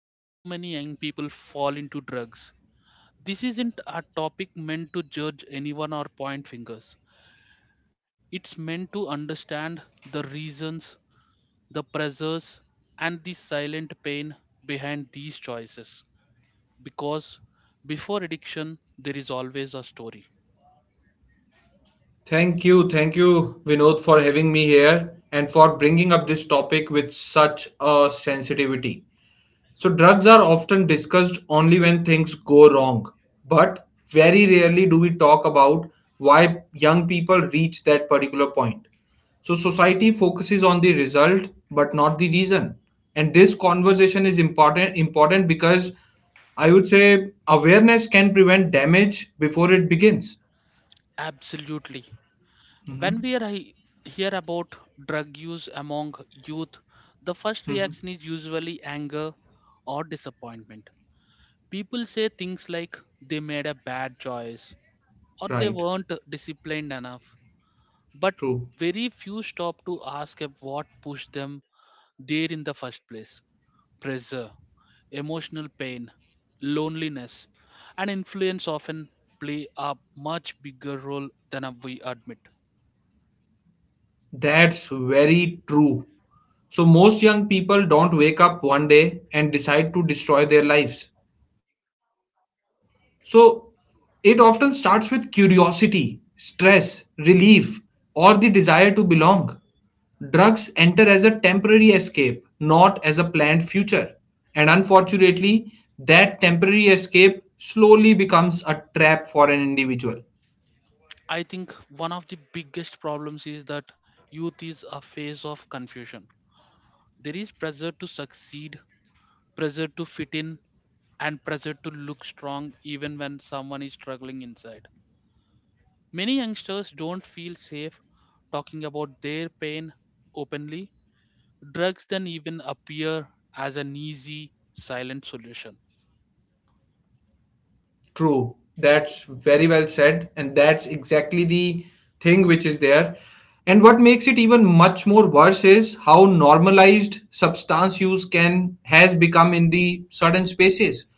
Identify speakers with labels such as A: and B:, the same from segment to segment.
A: why so many young people fall into drugs? This isn't a topic meant to judge anyone or point fingers. It's meant to understand the reasons, the pressures, and the silent pain behind these choices because before addiction there is always a story.
B: Thank you, Vinod, for having me here and for bringing up this topic with such a sensitivity. So, drugs are often discussed only when things go wrong, but very rarely do we talk about why young people reach that particular point. So, society focuses on the result but not the reason. And this conversation is important because I would say awareness can prevent damage before it begins.
A: Absolutely. When
B: Mhm.
A: we are hear about drug use among youth, the first
B: Mhm.
A: reaction is usually anger or disappointment. People say things like they made a bad choice or they
B: Right.
A: weren't disciplined enough, but
B: True.
A: very few stop to ask if what pushed them there in the first place: pressure, emotional pain, loneliness, and influence often play a much bigger role than we admit.
B: That's very true. So most young people don't wake up one day and decide to destroy their lives. So it often starts with curiosity, stress, relief, or the desire to belong. Drugs enter as a temporary escape, not as a planned future. And unfortunately, that temporary escape slowly becomes a trap for an individual.
A: I think one of the biggest problems is that youth is a phase of confusion. There is pressure to succeed, pressure to fit in, and pressure to look strong even when someone is struggling inside. Many youngsters don't feel safe talking about their pain openly. Drugs then even appear as an easy, silent solution.
B: True. That's very well said. And that's exactly the thing which is there. And what makes it even much more worse is how normalized substance use can has become in the certain spaces,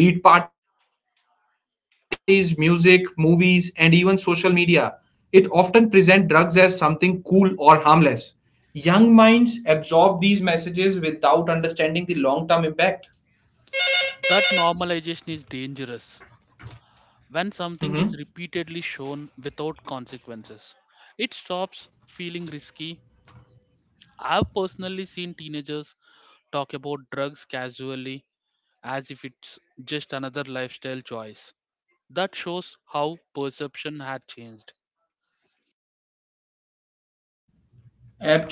B: be it parties, music, movies, and even social media. It often present drugs as something cool or harmless. Young minds absorb these messages without understanding the long-term impact.
A: That normalization is dangerous. When something is repeatedly shown without consequences, it stops feeling risky. I've personally seen teenagers talk about drugs casually as if it's just another lifestyle choice. That shows how perception had changed.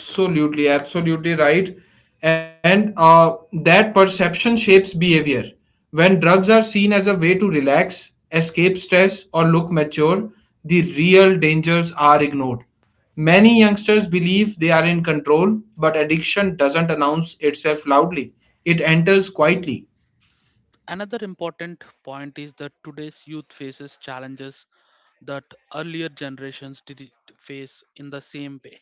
B: Absolutely, absolutely right. And that perception shapes behavior. When drugs are seen as a way to relax, escape stress, or look mature, the real dangers are ignored. Many youngsters believe they are in control, but addiction doesn't announce itself loudly, it enters quietly.
A: Another important point is that today's youth faces challenges that earlier generations didn't face in the same way: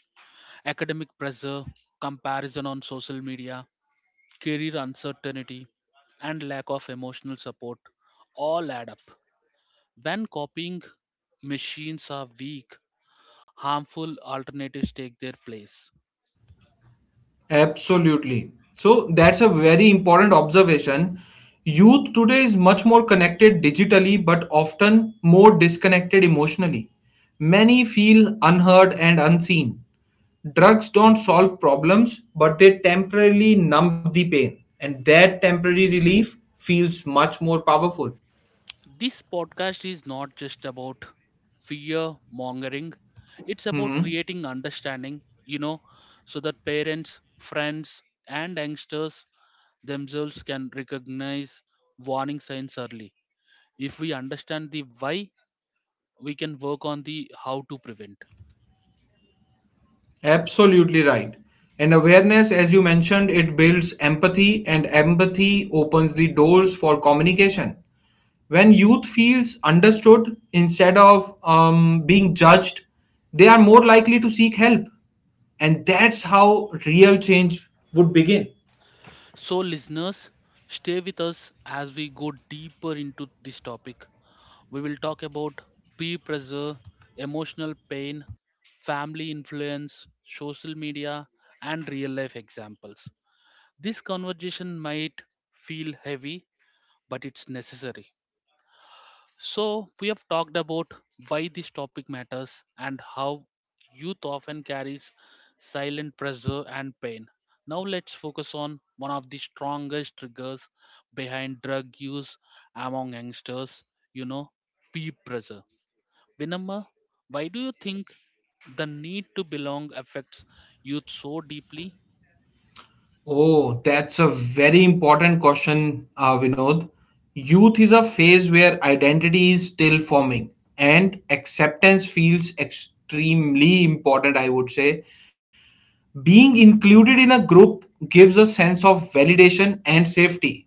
A: academic pressure, comparison on social media, career uncertainty, and lack of emotional support all add up. When copying machines are weak, harmful alternatives take their place.
B: Absolutely. So that's a very important observation. Youth today is much more connected digitally, but often more disconnected emotionally. Many feel unheard and unseen. Drugs don't solve problems, but they temporarily numb the pain, and that temporary relief feels much more powerful.
A: This podcast is not just about fear mongering, it's about
B: Hmm.
A: creating understanding, so that parents, friends, and youngsters themselves can recognize warning signs early. If we understand the why, we can work on the how to prevent.
B: Absolutely right. And awareness, as you mentioned, it builds empathy, and empathy opens the doors for communication. When youth feels understood instead of being judged, they are more likely to seek help, and that's how real change would begin.
A: So, listeners, stay with us as we go deeper into this topic. We will talk about peer pressure, emotional pain, family influence, social media, and real life examples. This conversation might feel heavy, but it's necessary. So, we have talked about why this topic matters and how youth often carries silent pressure and pain. Now, let's focus on one of the strongest triggers behind drug use among youngsters, you know, peer pressure. Vinamma, why do you think the need to belong affects youth so deeply?
B: Oh, that's a very important question, Vinod. Youth is a phase where identity is still forming, and acceptance feels extremely important, I would say. Being included in a group gives a sense of validation and safety.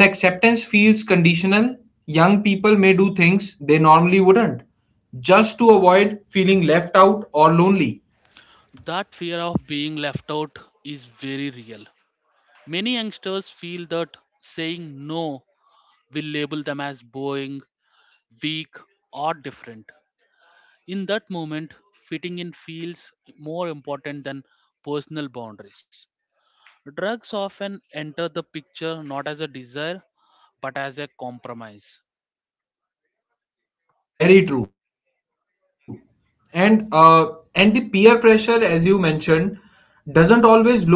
B: When acceptance feels conditional, young people may do things they normally wouldn't, just to avoid feeling left out or lonely.
A: That fear of being left out is very real. Many youngsters feel that saying no will label them as boring, weak, or different. In that moment, fitting in feels more important than personal boundaries. Drugs often enter the picture not as a desire but as a compromise.
B: Very true. And uh, and the peer pressure, as you mentioned, doesn't always look aggressive.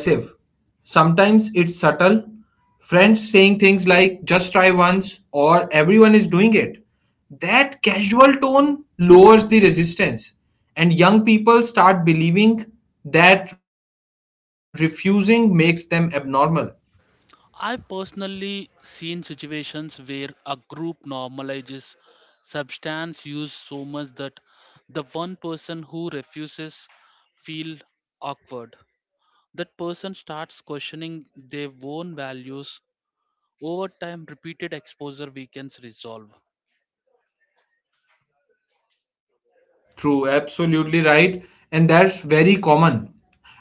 B: Sometimes it's subtle. Friends saying things like "just try once" or "everyone is doing it." That casual tone lowers the resistance, and young people start believing that refusing makes them abnormal.
A: I've personally seen situations where a group normalizes substance use so much that the one person who refuses feel awkward. That person starts questioning their own values. Over time, repeated exposure weakens resolve.
B: True, absolutely right. And that's very common.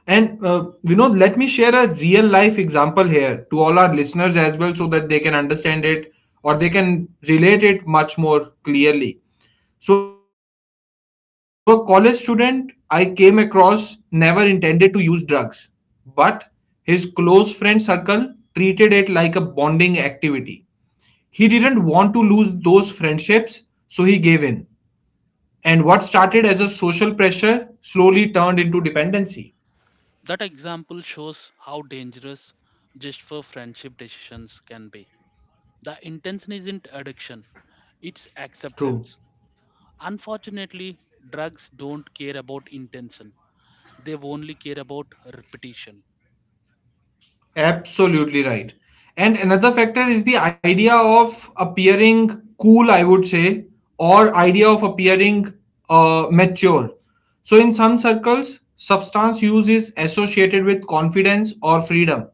B: And let me share a real life example here to all our listeners as well so that they can understand it or they can relate it much more clearly. So, a college student I came across never intended to use drugs, but his close friend circle treated it like a bonding activity. He didn't want to lose those friendships, so he gave in. And what started as a social pressure slowly turned into dependency.
A: That example shows how dangerous just for friendship decisions can be. The intention isn't addiction, it's
B: True.
A: acceptance. Unfortunately, drugs don't care about intention, they only care about repetition.
B: Absolutely right. And another factor is the idea of appearing cool, I would say, or idea of appearing mature. So in some circles, substance use is associated with confidence or freedom.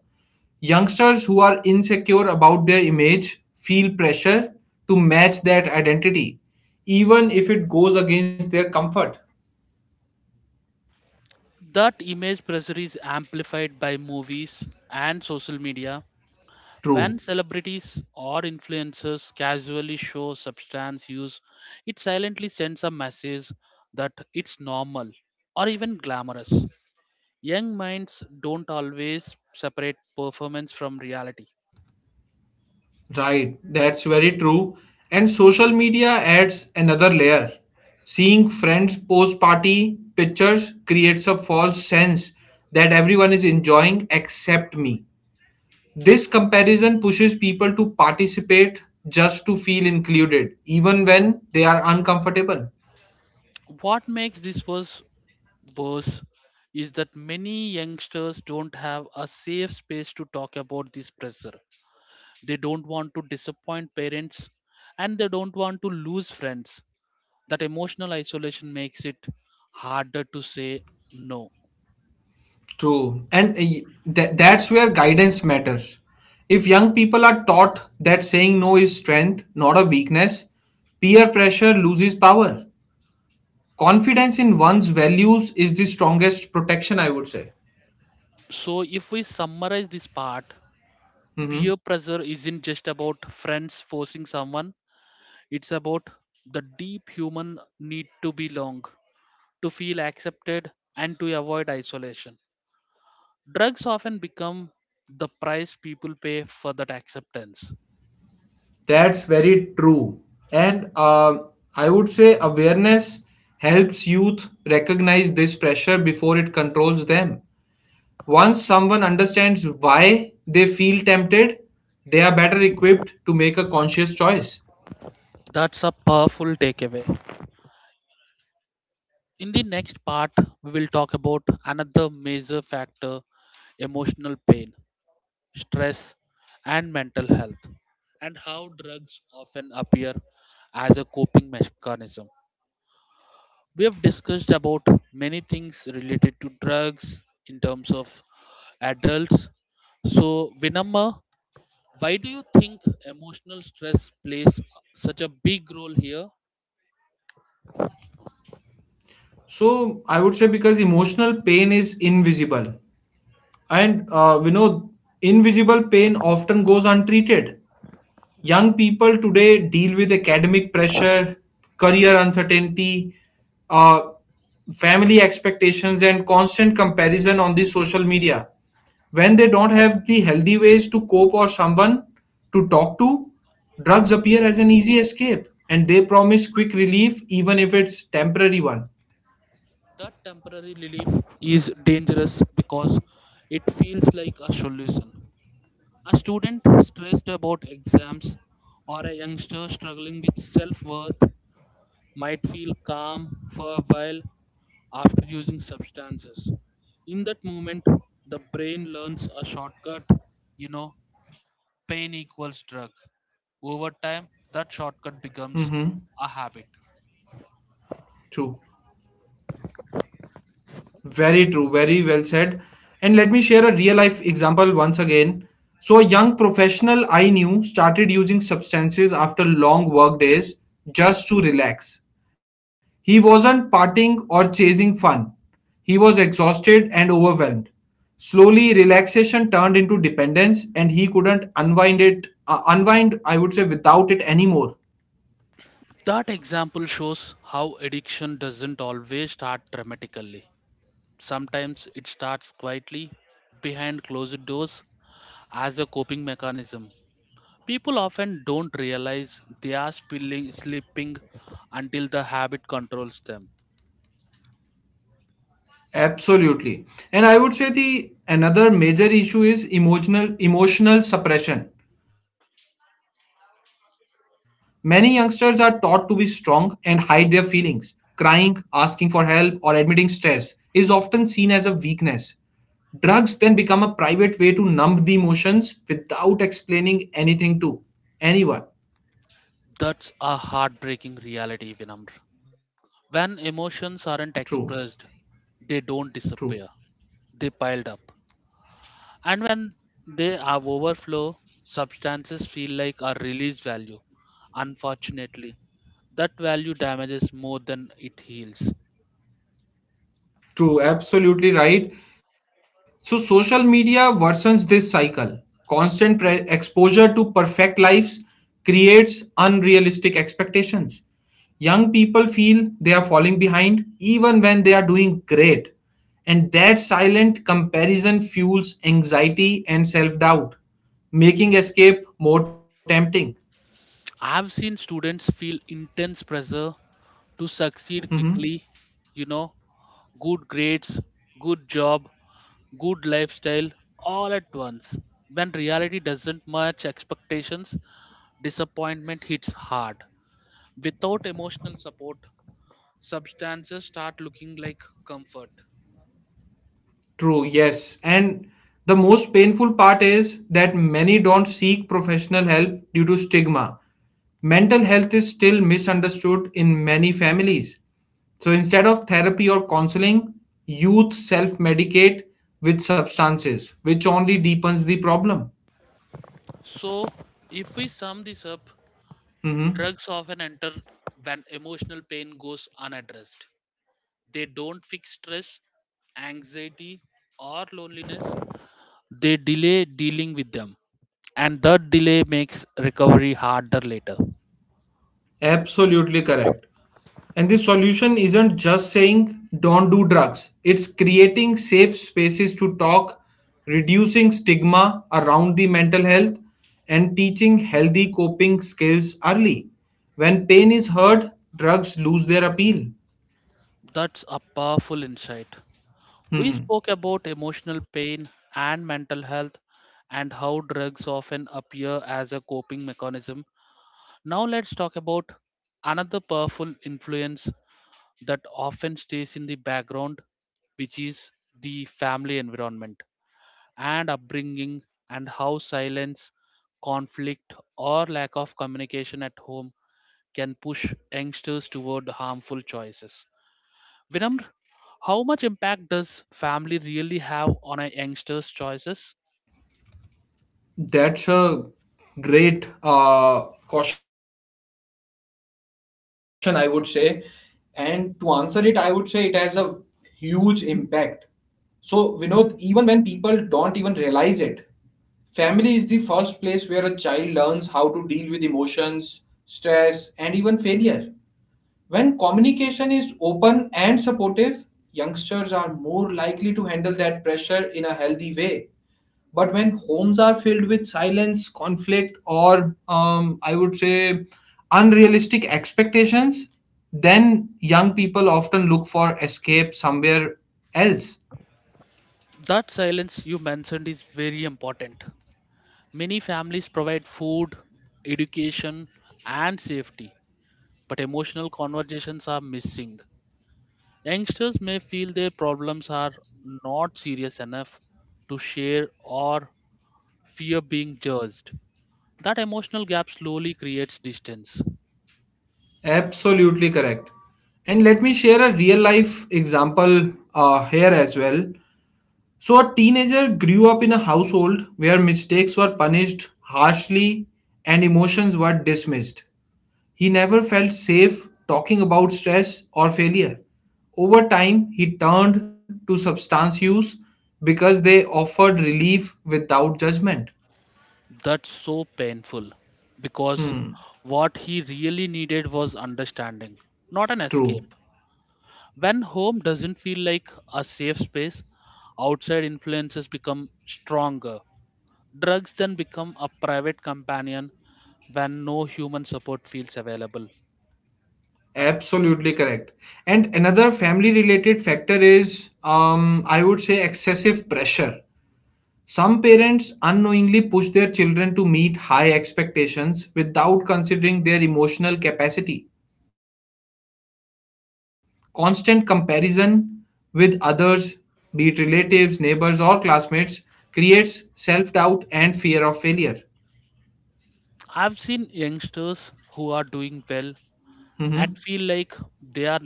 B: Youngsters who are insecure about their image feel pressure to match that identity, even if it goes against their comfort.
A: That image pressure is amplified by movies and social media. When
B: True.
A: celebrities or influencers casually show substance use, it silently sends a message that it's normal or even glamorous. Young minds don't always separate performance from reality.
B: Right, that's very true. And social media adds another layer. Seeing friends post party pictures creates a false sense that everyone is enjoying except me. This comparison pushes people to participate just to feel included, even when they are uncomfortable.
A: What makes this worse is that many youngsters don't have a safe space to talk about this pressure. They don't want to disappoint parents and they don't want to lose friends. That emotional isolation makes it harder to say no.
B: True. And that's where guidance matters. If young people are taught that saying no is strength, not a weakness, peer pressure loses power. Confidence in one's values is the strongest protection, I would say.
A: So, if we summarize this part,
B: Hmm.
A: peer pressure isn't just about friends forcing someone, it's about the deep human need to belong, to feel accepted, and to avoid isolation. Drugs often become the price people pay for that acceptance.
B: That's very true. And I would say awareness helps youth recognize this pressure before it controls them. Once someone understands why they feel tempted, they are better equipped to make a conscious choice.
A: That's a powerful takeaway. In the next part, we will talk about another major factor: emotional pain, stress, and mental health, and how drugs often appear as a coping mechanism. We have discussed about many things related to drugs in terms of adults. So, Vinamma, why do you think emotional stress plays such a big role here?
B: So I would say because emotional pain is invisible, and we know invisible pain often goes untreated. Young people today deal with academic pressure, career uncertainty, uh, family expectations, and constant comparison on the social media. When they don't have the healthy ways to cope or someone to talk to, drugs appear as an easy escape and they promise quick relief even if it's temporary one.
A: The temporary relief is dangerous because it feels like a solution. A student stressed about exams or a youngster struggling with self worth might feel calm for a while after using substances. In that moment, the brain learns a shortcut, you know, pain equals drug.
B: Mm-hmm.
A: Over time, that shortcut becomes a
B: True.
A: habit.
B: Very true, very well said. And let me share a real life example once again. So, a young professional I knew started using substances after long work days just to relax. He wasn't partying or chasing fun. He was exhausted and overwhelmed. Slowly, relaxation turned into dependence, and he couldn't unwind, I would say, without it anymore.
A: That example shows how addiction doesn't always start dramatically. Sometimes it starts quietly, behind closed doors, as a coping mechanism. People often don't realize they are slipping until the habit controls them.
B: Absolutely. And I would say the another major issue is emotional suppression. Many youngsters are taught to be strong and hide their feelings. Crying, asking for help, or admitting stress is often seen as a weakness. Drugs then become a private way to numb the emotions without explaining anything to anyone.
A: That's a heartbreaking reality, Vinamr.
B: True,
A: When emotions aren't expressed,
B: true.
A: they don't disappear, they piled up. And when they have overflow, substances feel like a release value. Unfortunately, that value damages more than it heals.
B: True, absolutely right. So, social media worsens this cycle. Constant exposure to perfect lives creates unrealistic expectations. Young people feel they are falling behind even when they are doing great. And that silent comparison fuels anxiety and self doubt, making escape more tempting.
A: I've seen students feel intense pressure to succeed quickly, you know, good grades, good job, good lifestyle all at once. When reality doesn't match expectations, disappointment hits hard. Without emotional support, substances start looking like comfort.
B: True, yes. And the most painful part is that many don't seek professional help due to stigma. Mental health is still misunderstood in many families. So instead of therapy or counseling, youth self medicate with substances, which only deepens the problem.
A: So, if we sum this up,
B: Mhm.
A: drugs often enter when emotional pain goes unaddressed. They don't fix stress, anxiety, or loneliness, they delay dealing with them. And that delay makes recovery harder later.
B: Absolutely correct. And the solution isn't just saying don't do drugs, it's creating safe spaces to talk, reducing stigma around the mental health, and teaching healthy coping skills early. When pain is heard, drugs lose their appeal.
A: That's a powerful insight. We
B: Mhm.
A: spoke about emotional pain and mental health and how drugs often appear as a coping mechanism. Now let's talk about another powerful influence that often stays in the background, which is the family environment and upbringing, and how silence, conflict, or lack of communication at home can push youngsters toward harmful choices. Vinamr, how much impact does family really have on a youngster's choices?
B: That's a great caution, I would say. And to answer it, I would say it has a huge impact. So, Vinod, even when people don't even realize it, family is the first place where a child learns how to deal with emotions, stress, and even failure. When communication is open and supportive, youngsters are more likely to handle that pressure in a healthy way. But when homes are filled with silence, conflict, or I would say unrealistic expectations, then young people often look for escape somewhere else.
A: That silence you mentioned is very important. Many families provide food, education, and safety, but emotional conversations are missing. Youngsters may feel their problems are not serious enough to share or fear being judged. That emotional gap slowly creates distance.
B: Absolutely correct. And let me share a real life example here as well. So, a teenager grew up in a household where mistakes were punished harshly and emotions were dismissed. He never felt safe talking about stress or failure. Over time, he turned to substance use because they offered relief without judgment.
A: That's so painful because
B: Hmm,
A: what he really needed was understanding, not an
B: true.
A: escape. When home doesn't feel like a safe space, outside influences become stronger. Drugs then become a private companion when no human support feels available.
B: Absolutely correct. And another family related factor is, I would say, excessive pressure. Some parents unknowingly push their children to meet high expectations without considering their emotional capacity. Constant comparison with others, be it relatives, neighbors, or classmates, creates self doubt and fear of failure.
A: I've seen youngsters who are doing well
B: Mm-hmm.
A: and feel like they are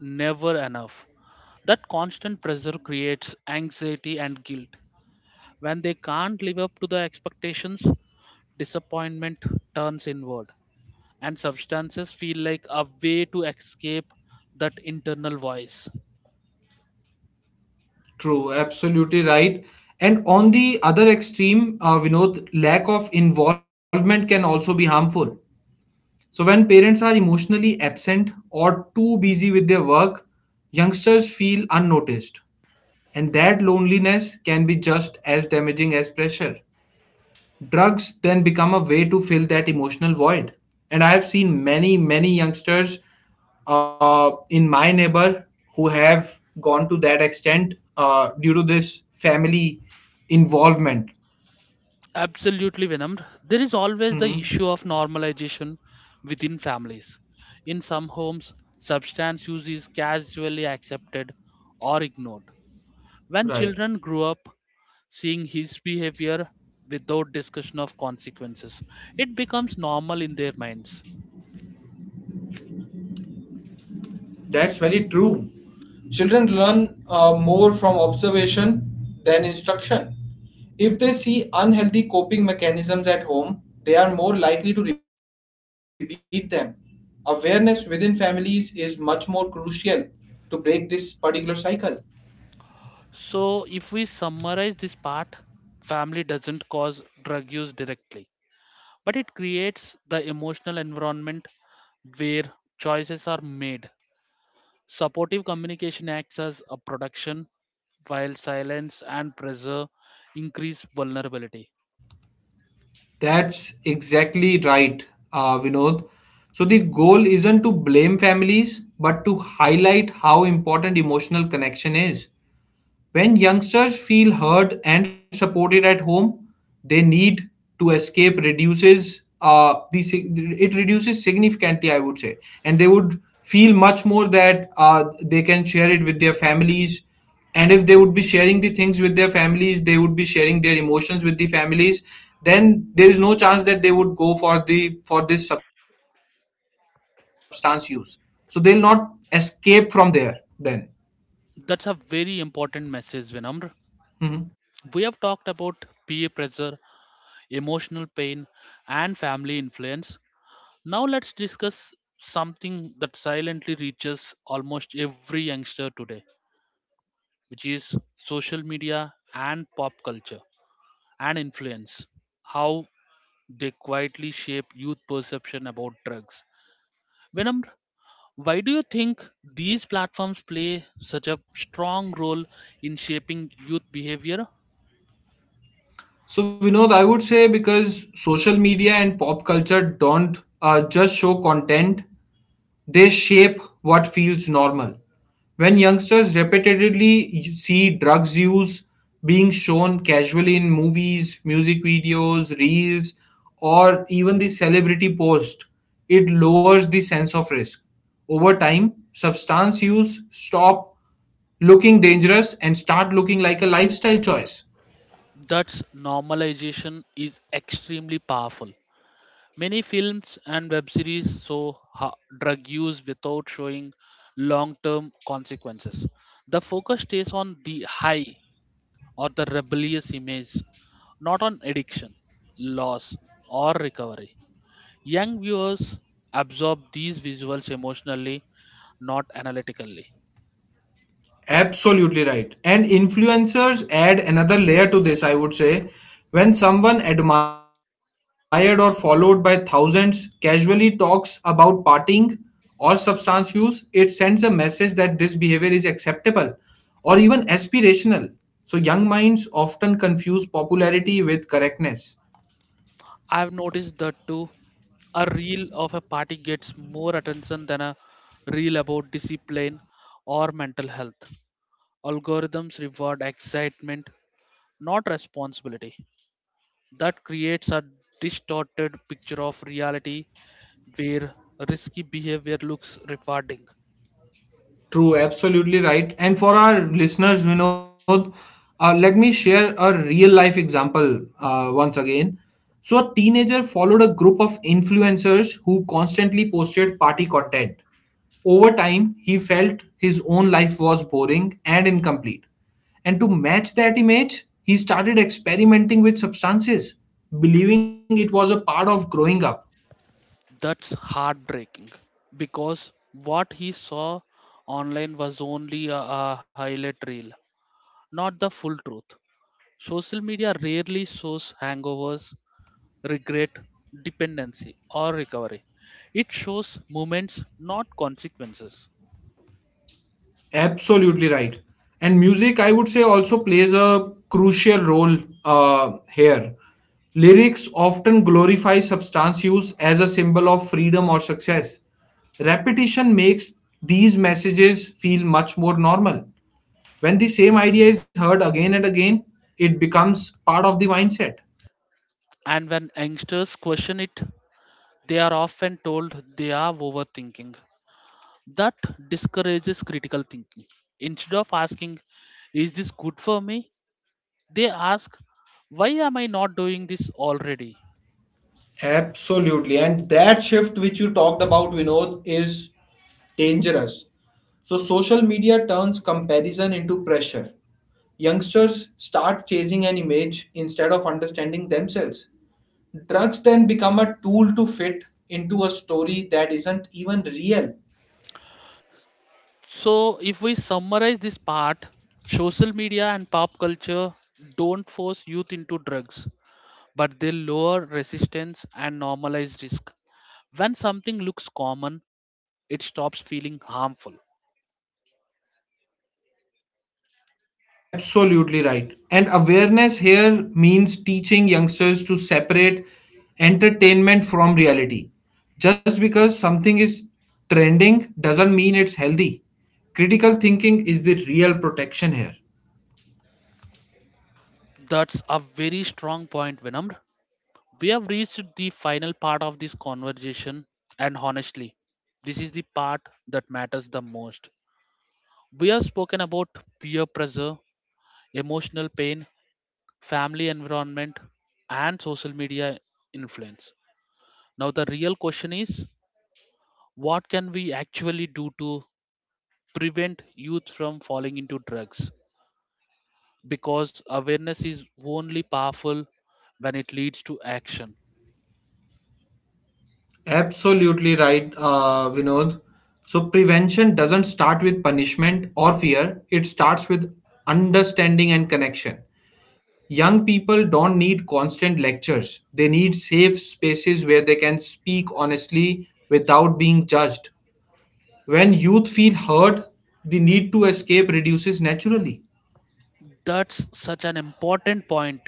A: never enough. That constant pressure creates anxiety and guilt. When they can't live up to the expectations, disappointment turns inward, and substances feel like a way to escape that internal voice.
B: True, absolutely right. And on the other extreme, Vinod, lack of involvement can also be harmful. So, when parents are emotionally absent or too busy with their work, youngsters feel unnoticed. And that loneliness can be just as damaging as pressure. Drugs then become a way to fill that emotional void, and I have seen many youngsters in my neighbor who have gone to that extent due to this family involvement.
A: Absolutely, Venom. There is always the
B: Hmm.
A: issue of normalization within families. In some homes, substance use is casually accepted or ignored. When
B: Right.
A: children grow up seeing his behavior without discussion of consequences, it becomes normal in their minds.
B: That's very true. Children learn more from observation than instruction. If they see unhealthy coping mechanisms at home, they are more likely to repeat them. Awareness within families is much more crucial to break this particular cycle.
A: So, if we summarize this part, family doesn't cause drug use directly, but it creates the emotional environment where choices are made. Supportive communication acts as a protection, while silence and pressure increase vulnerability.
B: That's exactly right, Vinod. So, the goal isn't to blame families, but to highlight how important emotional connection is. When youngsters feel heard and supported at home, their need to escape reduces. It reduces significantly, I would say, and they would feel much more that they can share it with their families. And if they would be sharing the things with their families, they would be sharing their emotions with the families. Then there is no chance that they would go for this substance use. So they'll not escape from there. Then.
A: That's a very important message,
B: Mhm.
A: Vinamr. We have talked about peer pressure, emotional pain, and family influence. Now let's discuss something that silently reaches almost every youngster today, which is social media and pop culture and influence. How they quietly shape youth perception about drugs. Venom, why do you think these platforms play such a strong role in shaping youth behavior?
B: So, Vinod, I would say because social media and pop culture don't just show content, they shape what feels normal. When youngsters repeatedly see drugs use being shown casually in movies, music videos, reels, or even the celebrity post, it lowers the sense of risk. Over time, substance use stop looking dangerous and start looking like a lifestyle choice.
A: That's normalization is extremely powerful. Many films and web series show drug use without showing long term consequences. The focus stays on the high or the rebellious image, not on addiction, loss, or recovery. Young viewers absorb these visuals emotionally, not analytically.
B: Absolutely right. And influencers add another layer to this, I would say. When someone admired or followed by thousands casually talks about partying or substance use, it sends a message that this behavior is acceptable or even aspirational. So, young minds often confuse popularity with correctness.
A: I've noticed that too. A reel of a party gets more attention than a reel about discipline or mental health. Algorithms reward excitement, not responsibility. That creates a distorted picture of reality where risky behavior looks rewarding.
B: True, absolutely right. And for our listeners, Vinod, let me share a real life example once again. So, a teenager followed a group of influencers who constantly posted party content. Over time, he felt his own life was boring and incomplete. And to match that image, he started experimenting with substances, believing it was a part of growing up.
A: That's heartbreaking because what he saw online was only a highlight reel, not the full truth. Social media rarely shows hangovers, regret, dependency, or recovery. It shows moments, not consequences.
B: Absolutely right. And music, I would say, also plays a crucial role here. Lyrics often glorify substance use as a symbol of freedom or success. Repetition makes these messages feel much more normal. When the same idea is heard again and again, it becomes part of the mindset.
A: And when youngsters question it, they are often told they are overthinking. That discourages critical thinking. Instead of asking, "Is this good for me?" they ask, "Why am I not doing this already?"
B: Absolutely. And that shift which you talked about, Vinod, is dangerous. So, social media turns comparison into pressure. Youngsters start chasing an image instead of understanding themselves. Drugs then become a tool to fit into a story that isn't even real.
A: So, if we summarize this part, social media and pop culture don't force youth into drugs, but they lower resistance and normalize risk. When something looks common, it stops feeling harmful.
B: Absolutely right. And awareness here means teaching youngsters to separate entertainment from reality. Just because something is trending doesn't mean it's healthy. Critical thinking is the real protection here.
A: That's a very strong point, Vinamr. We have reached the final part of this conversation, and honestly, this is the part that matters the most. We have spoken about peer pressure, emotional pain, family environment, and social media influence. Now, the real question is what can we actually do to prevent youth from falling into drugs? Because awareness is only powerful when it leads to action.
B: Absolutely right, Vinod. So, prevention doesn't start with punishment or fear, it starts with understanding and connection. Young people don't need constant lectures, they need safe spaces where they can speak honestly without being judged. When youth feel hurt, the need to escape reduces naturally.
A: That's such an important point.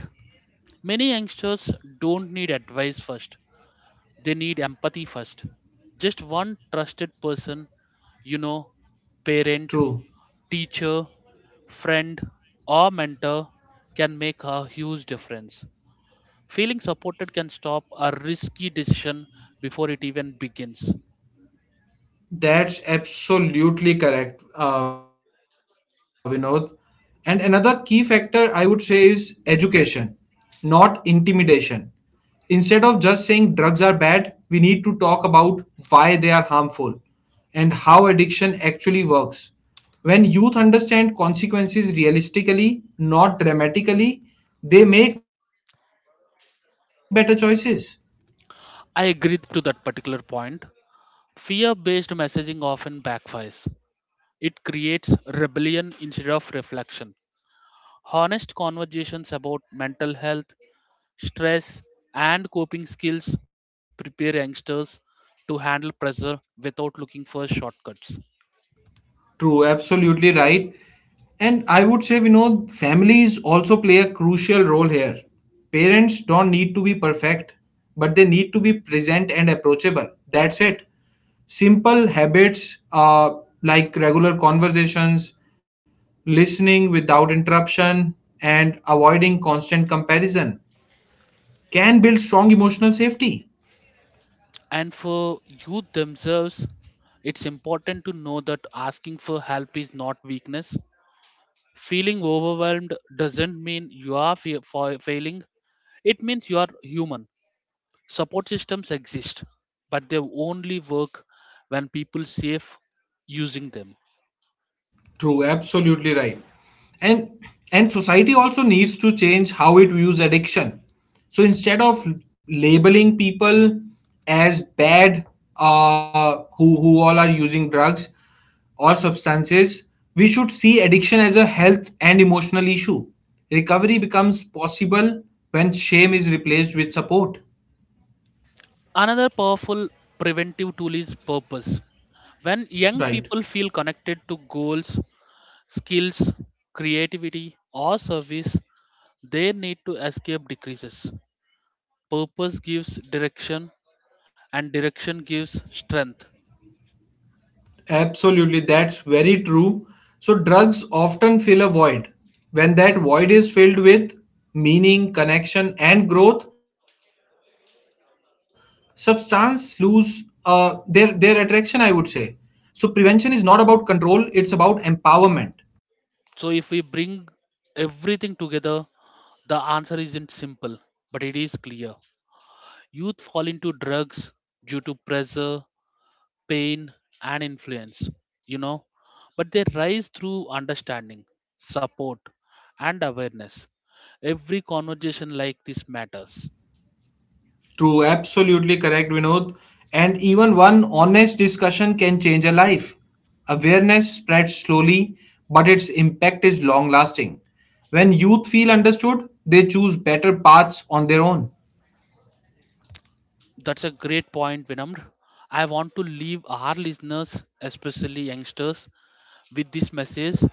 A: Many youngsters don't need advice first, they need empathy first. Just one trusted person, you know, parent,
B: True.
A: teacher, friend, or mentor can make a huge difference. Feeling supported can stop a risky decision before it even begins.
B: That's absolutely correct, Vinod. And another key factor I would say is education, not intimidation. Instead of just saying drugs are bad, we need to talk about why they are harmful and how addiction actually works. When youth understand consequences realistically, not dramatically, they make better choices.
A: I agree to that particular point. Fear based messaging often backfires. It creates rebellion instead of reflection. Honest conversations about mental health, stress, and coping skills prepare youngsters to handle pressure without looking for shortcuts.
B: True, absolutely right. And I would say, we know families also play a crucial role here. Parents don't need to be perfect, but they need to be present and approachable. That's it. Simple habits like regular conversations, listening without interruption, and avoiding constant comparison can build strong emotional safety.
A: And for youth themselves, it's important to know that asking for help is not weakness. Feeling overwhelmed doesn't mean you are failing, it means you are human. Support systems exist, but they only work when people safe using them.
B: True, absolutely right. And and society also needs to change how it views addiction. So instead of labeling people as bad who all are using drugs or substances, we should see addiction as a health and emotional issue. Recovery becomes possible when shame is replaced with support.
A: Another powerful preventive tool is purpose. When young
B: Right.
A: people feel connected to goals, skills, creativity, or service, their need to escape decreases. Purpose gives direction, and direction gives strength.
B: Absolutely, that's very true. So, drugs often fill a void. When that void is filled with meaning, connection, and growth, substance lose their attraction. I would say. So, prevention is not about control; it's about empowerment.
A: So, if we bring everything together, the answer isn't simple, but it is clear. Youth fall into drugs due to pressure, pain, and influence, you know, but they rise through understanding, support, and awareness. Every conversation like this matters.
B: True, absolutely correct, Vinod. And even one honest discussion can change a life. Awareness spreads slowly, but its impact is long lasting. When youth feel understood, they choose better paths on their own.
A: That's a great point, Vinamr. I want to leave our listeners, especially youngsters, with this message.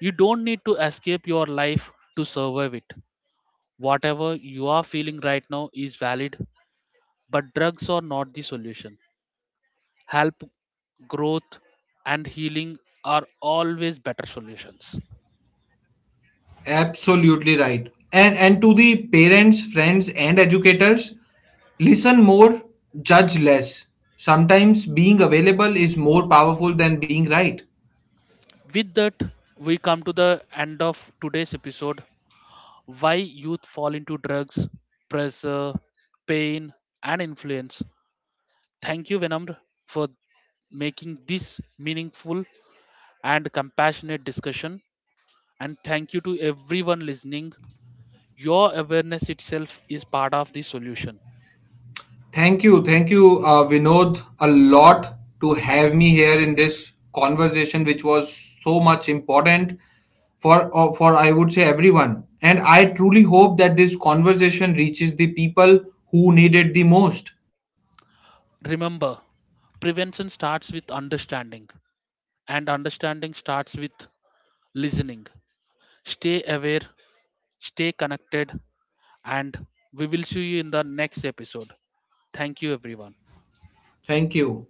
A: You don't need to escape your life to survive it. Whatever you are feeling right now is valid, but drugs are not the solution. Help, growth, and healing are always better solutions.
B: Absolutely right. And to the parents, friends, and educators, listen more, judge less. Sometimes being available is more powerful than being right.
A: With that, we come to the end of today's episode: Why Youth Fall into Drugs, Pressure, Pain, and Influence. Thank you, Venamr, for making this meaningful and compassionate discussion. And thank you to everyone listening. Your awareness itself is part of the solution.
B: Thank you. Thank you, Vinod, a lot to have me here in this conversation, which was so much important for I would say everyone. And I truly hope that this conversation reaches the people who need it the most.
A: Remember, prevention starts with understanding, and understanding starts with listening. Stay aware, stay connected, and we will see you in the next episode. Thank you, everyone.
B: Thank you.